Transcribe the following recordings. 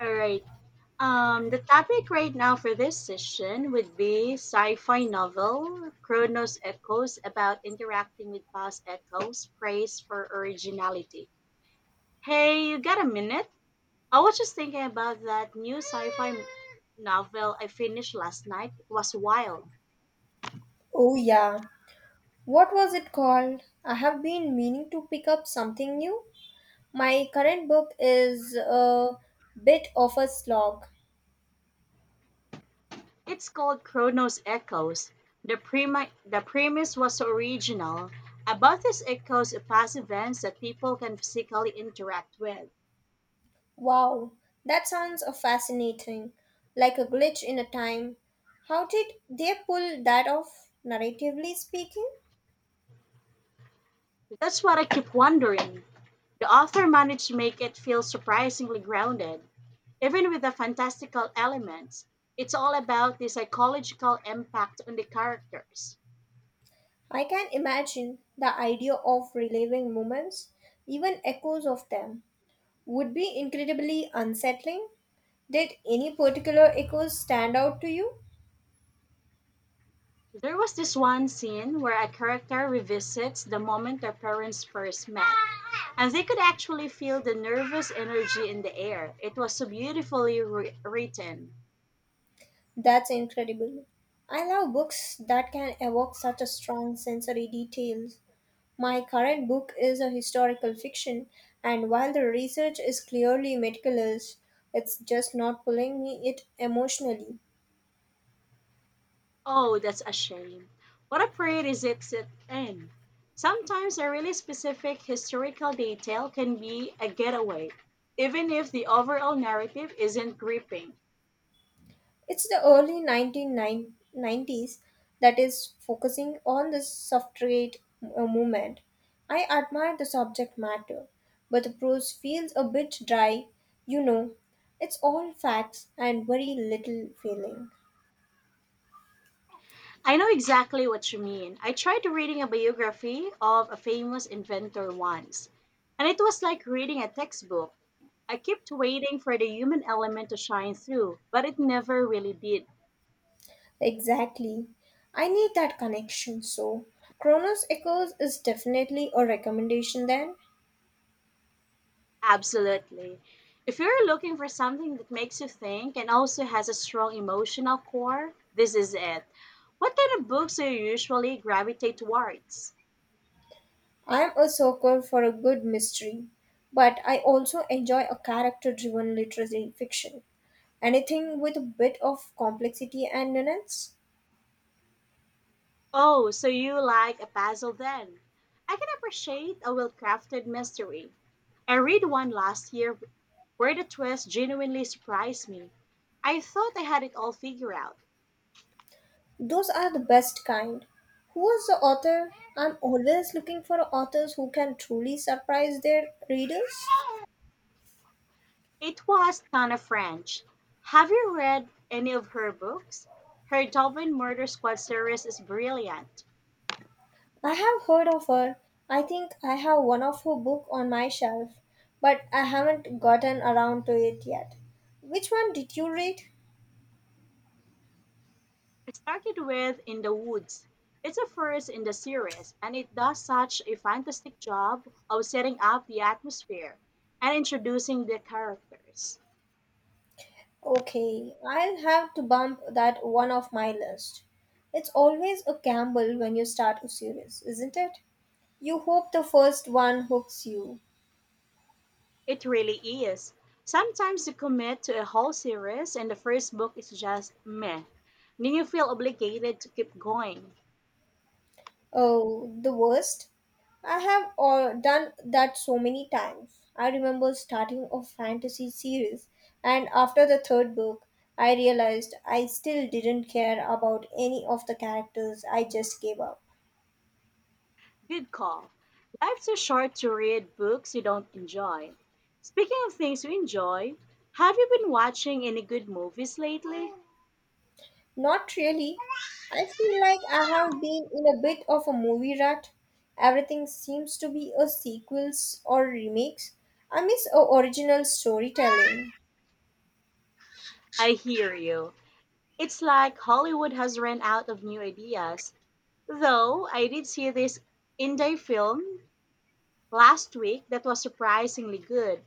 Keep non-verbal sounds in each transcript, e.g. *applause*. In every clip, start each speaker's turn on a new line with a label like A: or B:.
A: All right. The topic right now for this session would be sci-fi novel Chronos Echoes about interacting with past echoes, praise for originality. Hey, you got a minute? I was just thinking about that new novel I finished last night. It was wild.
B: Oh, yeah. What was it called? I have been meaning to pick up something new. My current book is a bit of a slog.
A: It's called Chronos Echoes. The premise was so original about these echoes of past events that people can physically interact with.
B: Wow, that sounds fascinating. Like a glitch in a time. How did they pull that off, narratively speaking?
A: That's what I keep wondering. The author managed to make it feel surprisingly grounded, even with the fantastical elements. It's all about the psychological impact on the characters.
B: I can imagine the idea of reliving moments, even echoes of them, would be incredibly unsettling. Did any particular echoes stand out to you?
A: There was this one scene where a character revisits the moment their parents first met, and they could actually feel the nervous energy in the air. It was so beautifully written.
B: That's incredible. I love books that can evoke such a strong sensory details. My current book is a historical fiction, and while the research is clearly meticulous, it's just not pulling me it emotionally.
A: Oh, that's a shame. What a parade is it sit in? Sometimes a really specific historical detail can be a getaway, even if the overall narrative isn't gripping.
B: It's the early 1990s that is focusing on the suffragette movement. I admire the subject matter, but the prose feels a bit dry, you know. It's all facts and very little feeling.
A: I know exactly what you mean. I tried reading a biography of a famous inventor once, and it was like reading a textbook. I kept waiting for the human element to shine through, but it never really did.
B: Exactly. I need that connection, so Chronos Echoes is definitely a recommendation then.
A: Absolutely. If you're looking for something that makes you think and also has a strong emotional core, this is it. What kind of books do you usually gravitate towards?
B: I am a sucker for a good mystery, but I also enjoy a character driven literary fiction. Anything with a bit of complexity and nuance?
A: Oh, so you like a puzzle then? I can appreciate a well crafted mystery. I read one last year where the twist genuinely surprised me. I thought I had it all figured out.
B: Those are the best kind. Who was the author? I'm always looking for authors who can truly surprise their readers.
A: It was Tana French. Have you read any of her books? Her Dublin Murder Squad series is brilliant.
B: I have heard of her. I think I have one of her book on my shelf, but I haven't gotten around to it yet. Which one did you read?
A: I started with In the Woods. It's a first in the series, and it does such a fantastic job of setting up the atmosphere and introducing the characters.
B: Okay, I'll have to bump that one off my list. It's always a gamble when you start a series, isn't it? You hope the first one hooks you.
A: It really is. Sometimes you commit to a whole series, and the first book is just meh. Then you feel obligated to keep going.
B: Oh, the worst? I have all done that so many times. I remember starting a fantasy series, and after the third book, I realized I still didn't care about any of the characters. I just gave up.
A: Good call. Life's too short to read books you don't enjoy. Speaking of things you enjoy, have you been watching any good movies lately?
B: Not really. I feel like I have been in a bit of a movie rut. Everything seems to be a sequels or remakes. I miss a original storytelling.
A: I hear you. It's like Hollywood has run out of new ideas. Though I did see this indie film last week that was surprisingly good.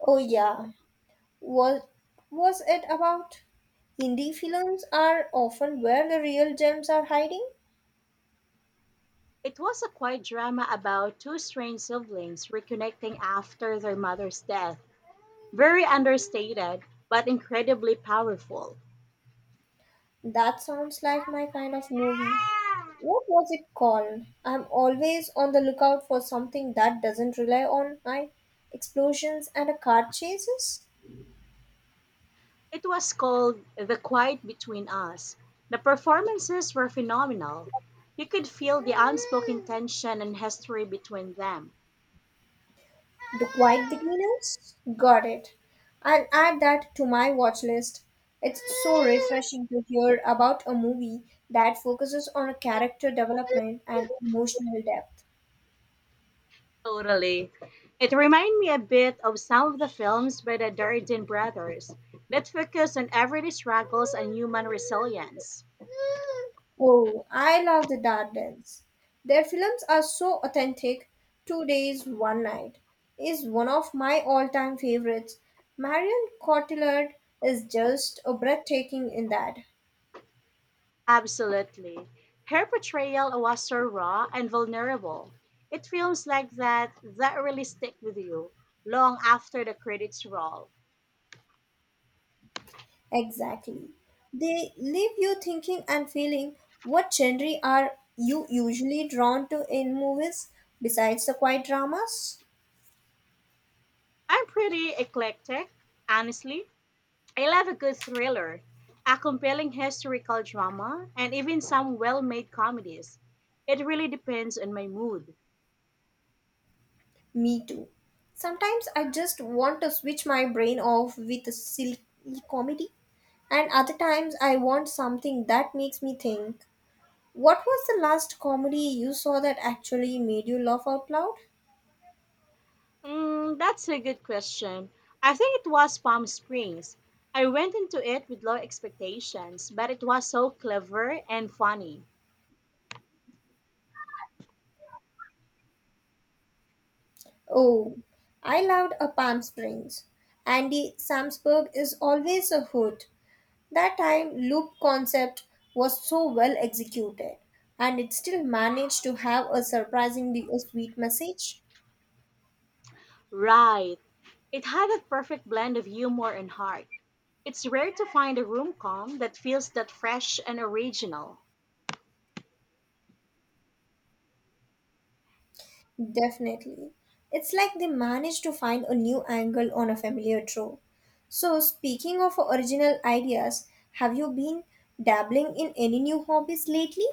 B: Oh yeah, what was it about? Indie films are often where the real gems are hiding.
A: It was a quiet drama about two strange siblings reconnecting after their mother's death. Very understated, but incredibly powerful.
B: That sounds like my kind of movie. What was it called? I'm always on the lookout for something that doesn't rely on my explosions and a car chases.
A: It was called The Quiet Between Us. The performances were phenomenal. You could feel the unspoken tension and history between them.
B: The Quiet Beginners? Got it. I'll add that to my watch list. It's so refreshing to hear about a movie that focuses on a character development and emotional depth.
A: Totally. It reminded me a bit of some of the films by the Darden brothers that focus on everyday struggles and human resilience.
B: Oh, I love the Dardanelles. Their films are so authentic. Two Days, One Night is one of my all time favorites. Marion Cotillard is just a breathtaking in that.
A: Absolutely. Her portrayal was so raw and vulnerable. It films like that that really stick with you long after the credits roll.
B: Exactly. They leave you thinking and feeling. What genre are you usually drawn to in movies besides the quiet dramas?
A: I'm pretty eclectic, honestly. I love a good thriller, a compelling historical drama, and even some well made comedies. It really depends on my mood.
B: Me too. Sometimes I just want to switch my brain off with a silly comedy. And other times I want something that makes me think. What was the last comedy you saw that actually made you laugh out loud?
A: That's a good question. I think it was Palm Springs. I went into it with low expectations, but it was so clever and funny.
B: Oh, I loved a Palm Springs. Andy Samsberg is always a hoot. That time loop concept was so well executed and it still managed to have a surprisingly sweet message.
A: Right. It had that perfect blend of humor and heart. It's rare to find a room com that feels that fresh and original.
B: Definitely. It's like they managed to find a new angle on a familiar trope. So, speaking of original ideas, have you been dabbling in any new hobbies lately?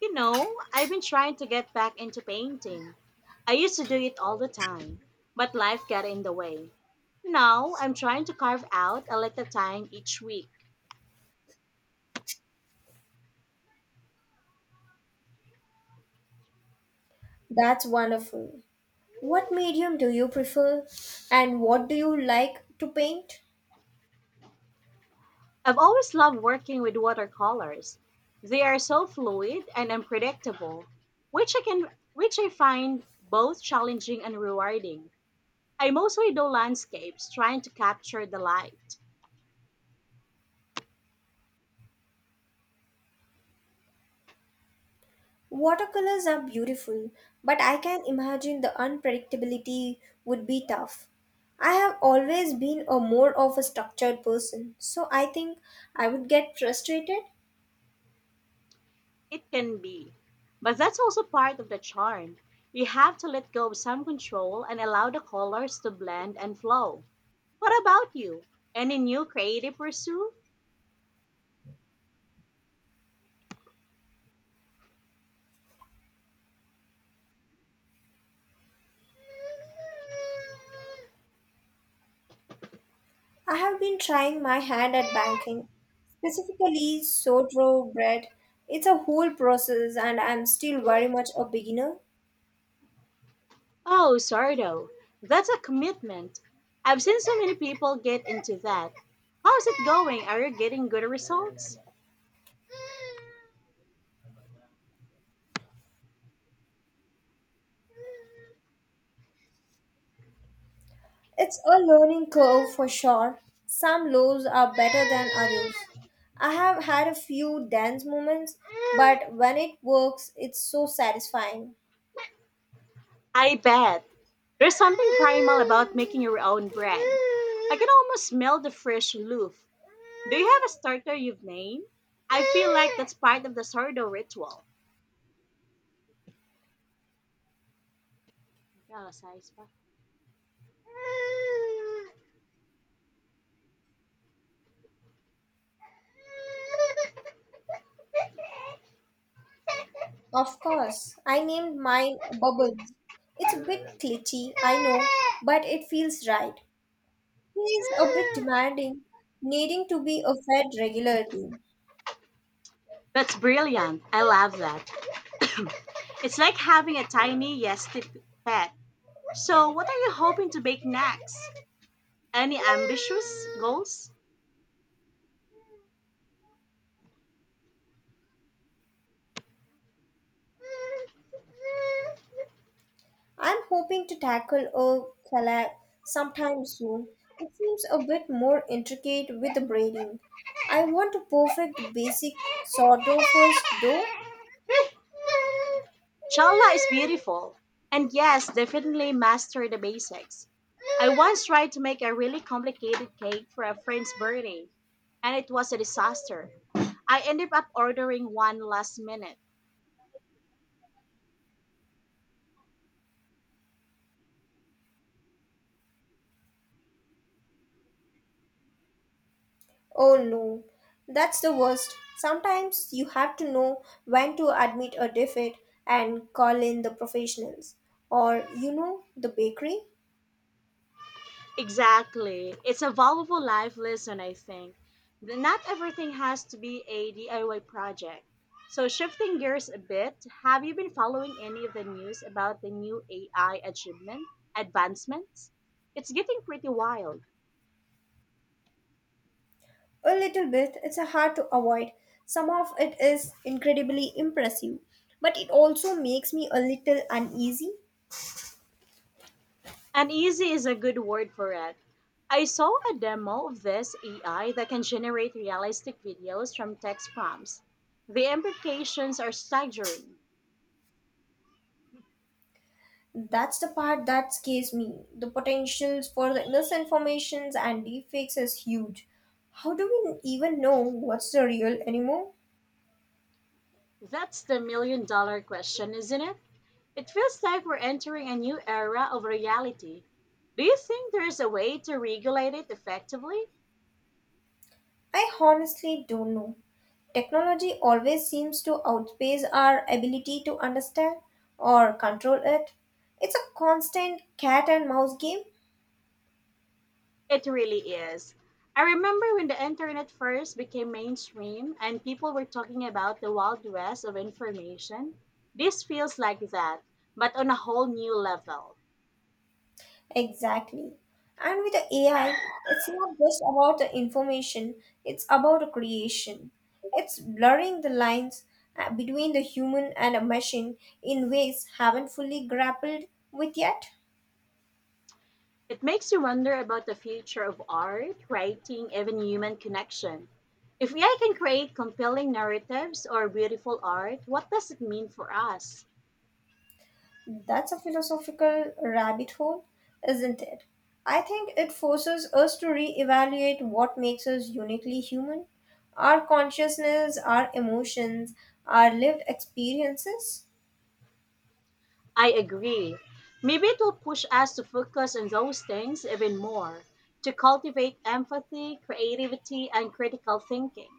A: You know, I've been trying to get back into painting. I used to do it all the time, but life got in the way. Now, I'm trying to carve out a little time each week.
B: That's wonderful. What medium do you prefer and what do you like to paint?
A: I've always loved working with watercolors. They are so fluid and unpredictable, which I can which I find both challenging and rewarding. I mostly do landscapes, trying to capture the light.
B: Watercolors are beautiful, but I can imagine the unpredictability would be tough. I have always been a more of a structured person, so I think I would get frustrated.
A: It can be. But that's also part of the charm. You have to let go of some control and allow the colors to blend and flow. What about you? Any new creative pursuit?
B: I have been trying my hand at banking, specifically sourdough bread. It's a whole process and I'm still very much a beginner.
A: Oh, Sardo, that's a commitment. I've seen so many people get into that. How's it going? Are you getting good results?
B: It's a learning curve for sure. Some loaves are better than others. I have had a few dance moments, but when it works, it's so satisfying.
A: I bet. There's something primal about making your own bread. I can almost smell the fresh loaf. Do you have a starter you've named? I feel like that's part of the sourdough ritual. Yeah, size pa.
B: Of course, I named mine Bubbles. It's a bit glitchy, I know, but it feels right. He is a bit demanding, needing to be fed regularly.
A: That's brilliant. I love that. *coughs* It's like having a tiny yes tip pet. So, what are you hoping to bake next? Any ambitious goals?
B: I'm hoping to tackle a collab sometime soon. It seems a bit more intricate with the braiding. I want to perfect the basic sourdough first, though.
A: Challa is beautiful, and yes, definitely master the basics. I once tried to make a really complicated cake for a friend's birthday, and it was a disaster. I ended up ordering one last minute.
B: Oh no, that's the worst. Sometimes you have to know when to admit a defect and call in the professionals, or you know, the bakery.
A: Exactly. It's a valuable life lesson, I think. Not everything has to be a DIY project. So, shifting gears a bit, have you been following any of the news about the new AI achievement, advancements? It's getting pretty wild.
B: A little bit, it's a hard to avoid. Some of it is incredibly impressive, but it also makes me a little uneasy.
A: Uneasy is a good word for it. I saw a demo of this AI that can generate realistic videos from text prompts. The implications are staggering.
B: That's the part that scares me. The potentials for the misinformations and deepfakes is huge. How do we even know what's the real anymore?
A: That's the million dollar question, isn't it? It feels like we're entering a new era of reality. Do you think there is a way to regulate it effectively?
B: I honestly don't know. Technology always seems to outpace our ability to understand or control it. It's a constant cat and mouse game.
A: It really is. I remember when the internet first became mainstream and people were talking about the wild west of information. This feels like that, but on a whole new level.
B: Exactly. And with the AI, it's not just about the information, it's about the creation. It's blurring the lines between the human and a machine in ways haven't fully grappled with yet.
A: It makes you wonder about the future of art, writing, even human connection. If AI can create compelling narratives or beautiful art, what does it mean for us?
B: That's a philosophical rabbit hole, isn't it? I think it forces us to reevaluate what makes us uniquely human, our consciousness, our emotions, our lived experiences.
A: I agree. Maybe it will push us to focus on those things even more, to cultivate empathy, creativity, and critical thinking.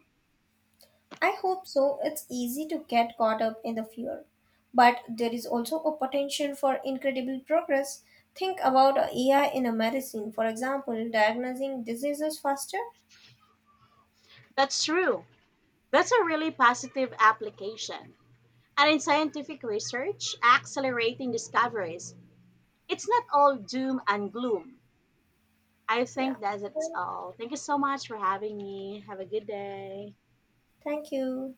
B: I hope so. It's easy to get caught up in the fear. But there is also a potential for incredible progress. Think about a AI in a medicine, for example, diagnosing diseases faster.
A: That's true. That's a really positive application. And in scientific research, accelerating discoveries, it's not all doom and gloom. I
B: Yeah.
A: think that's
B: Well,
A: all. Thank you so much for having me. Have a good day.
B: thank you.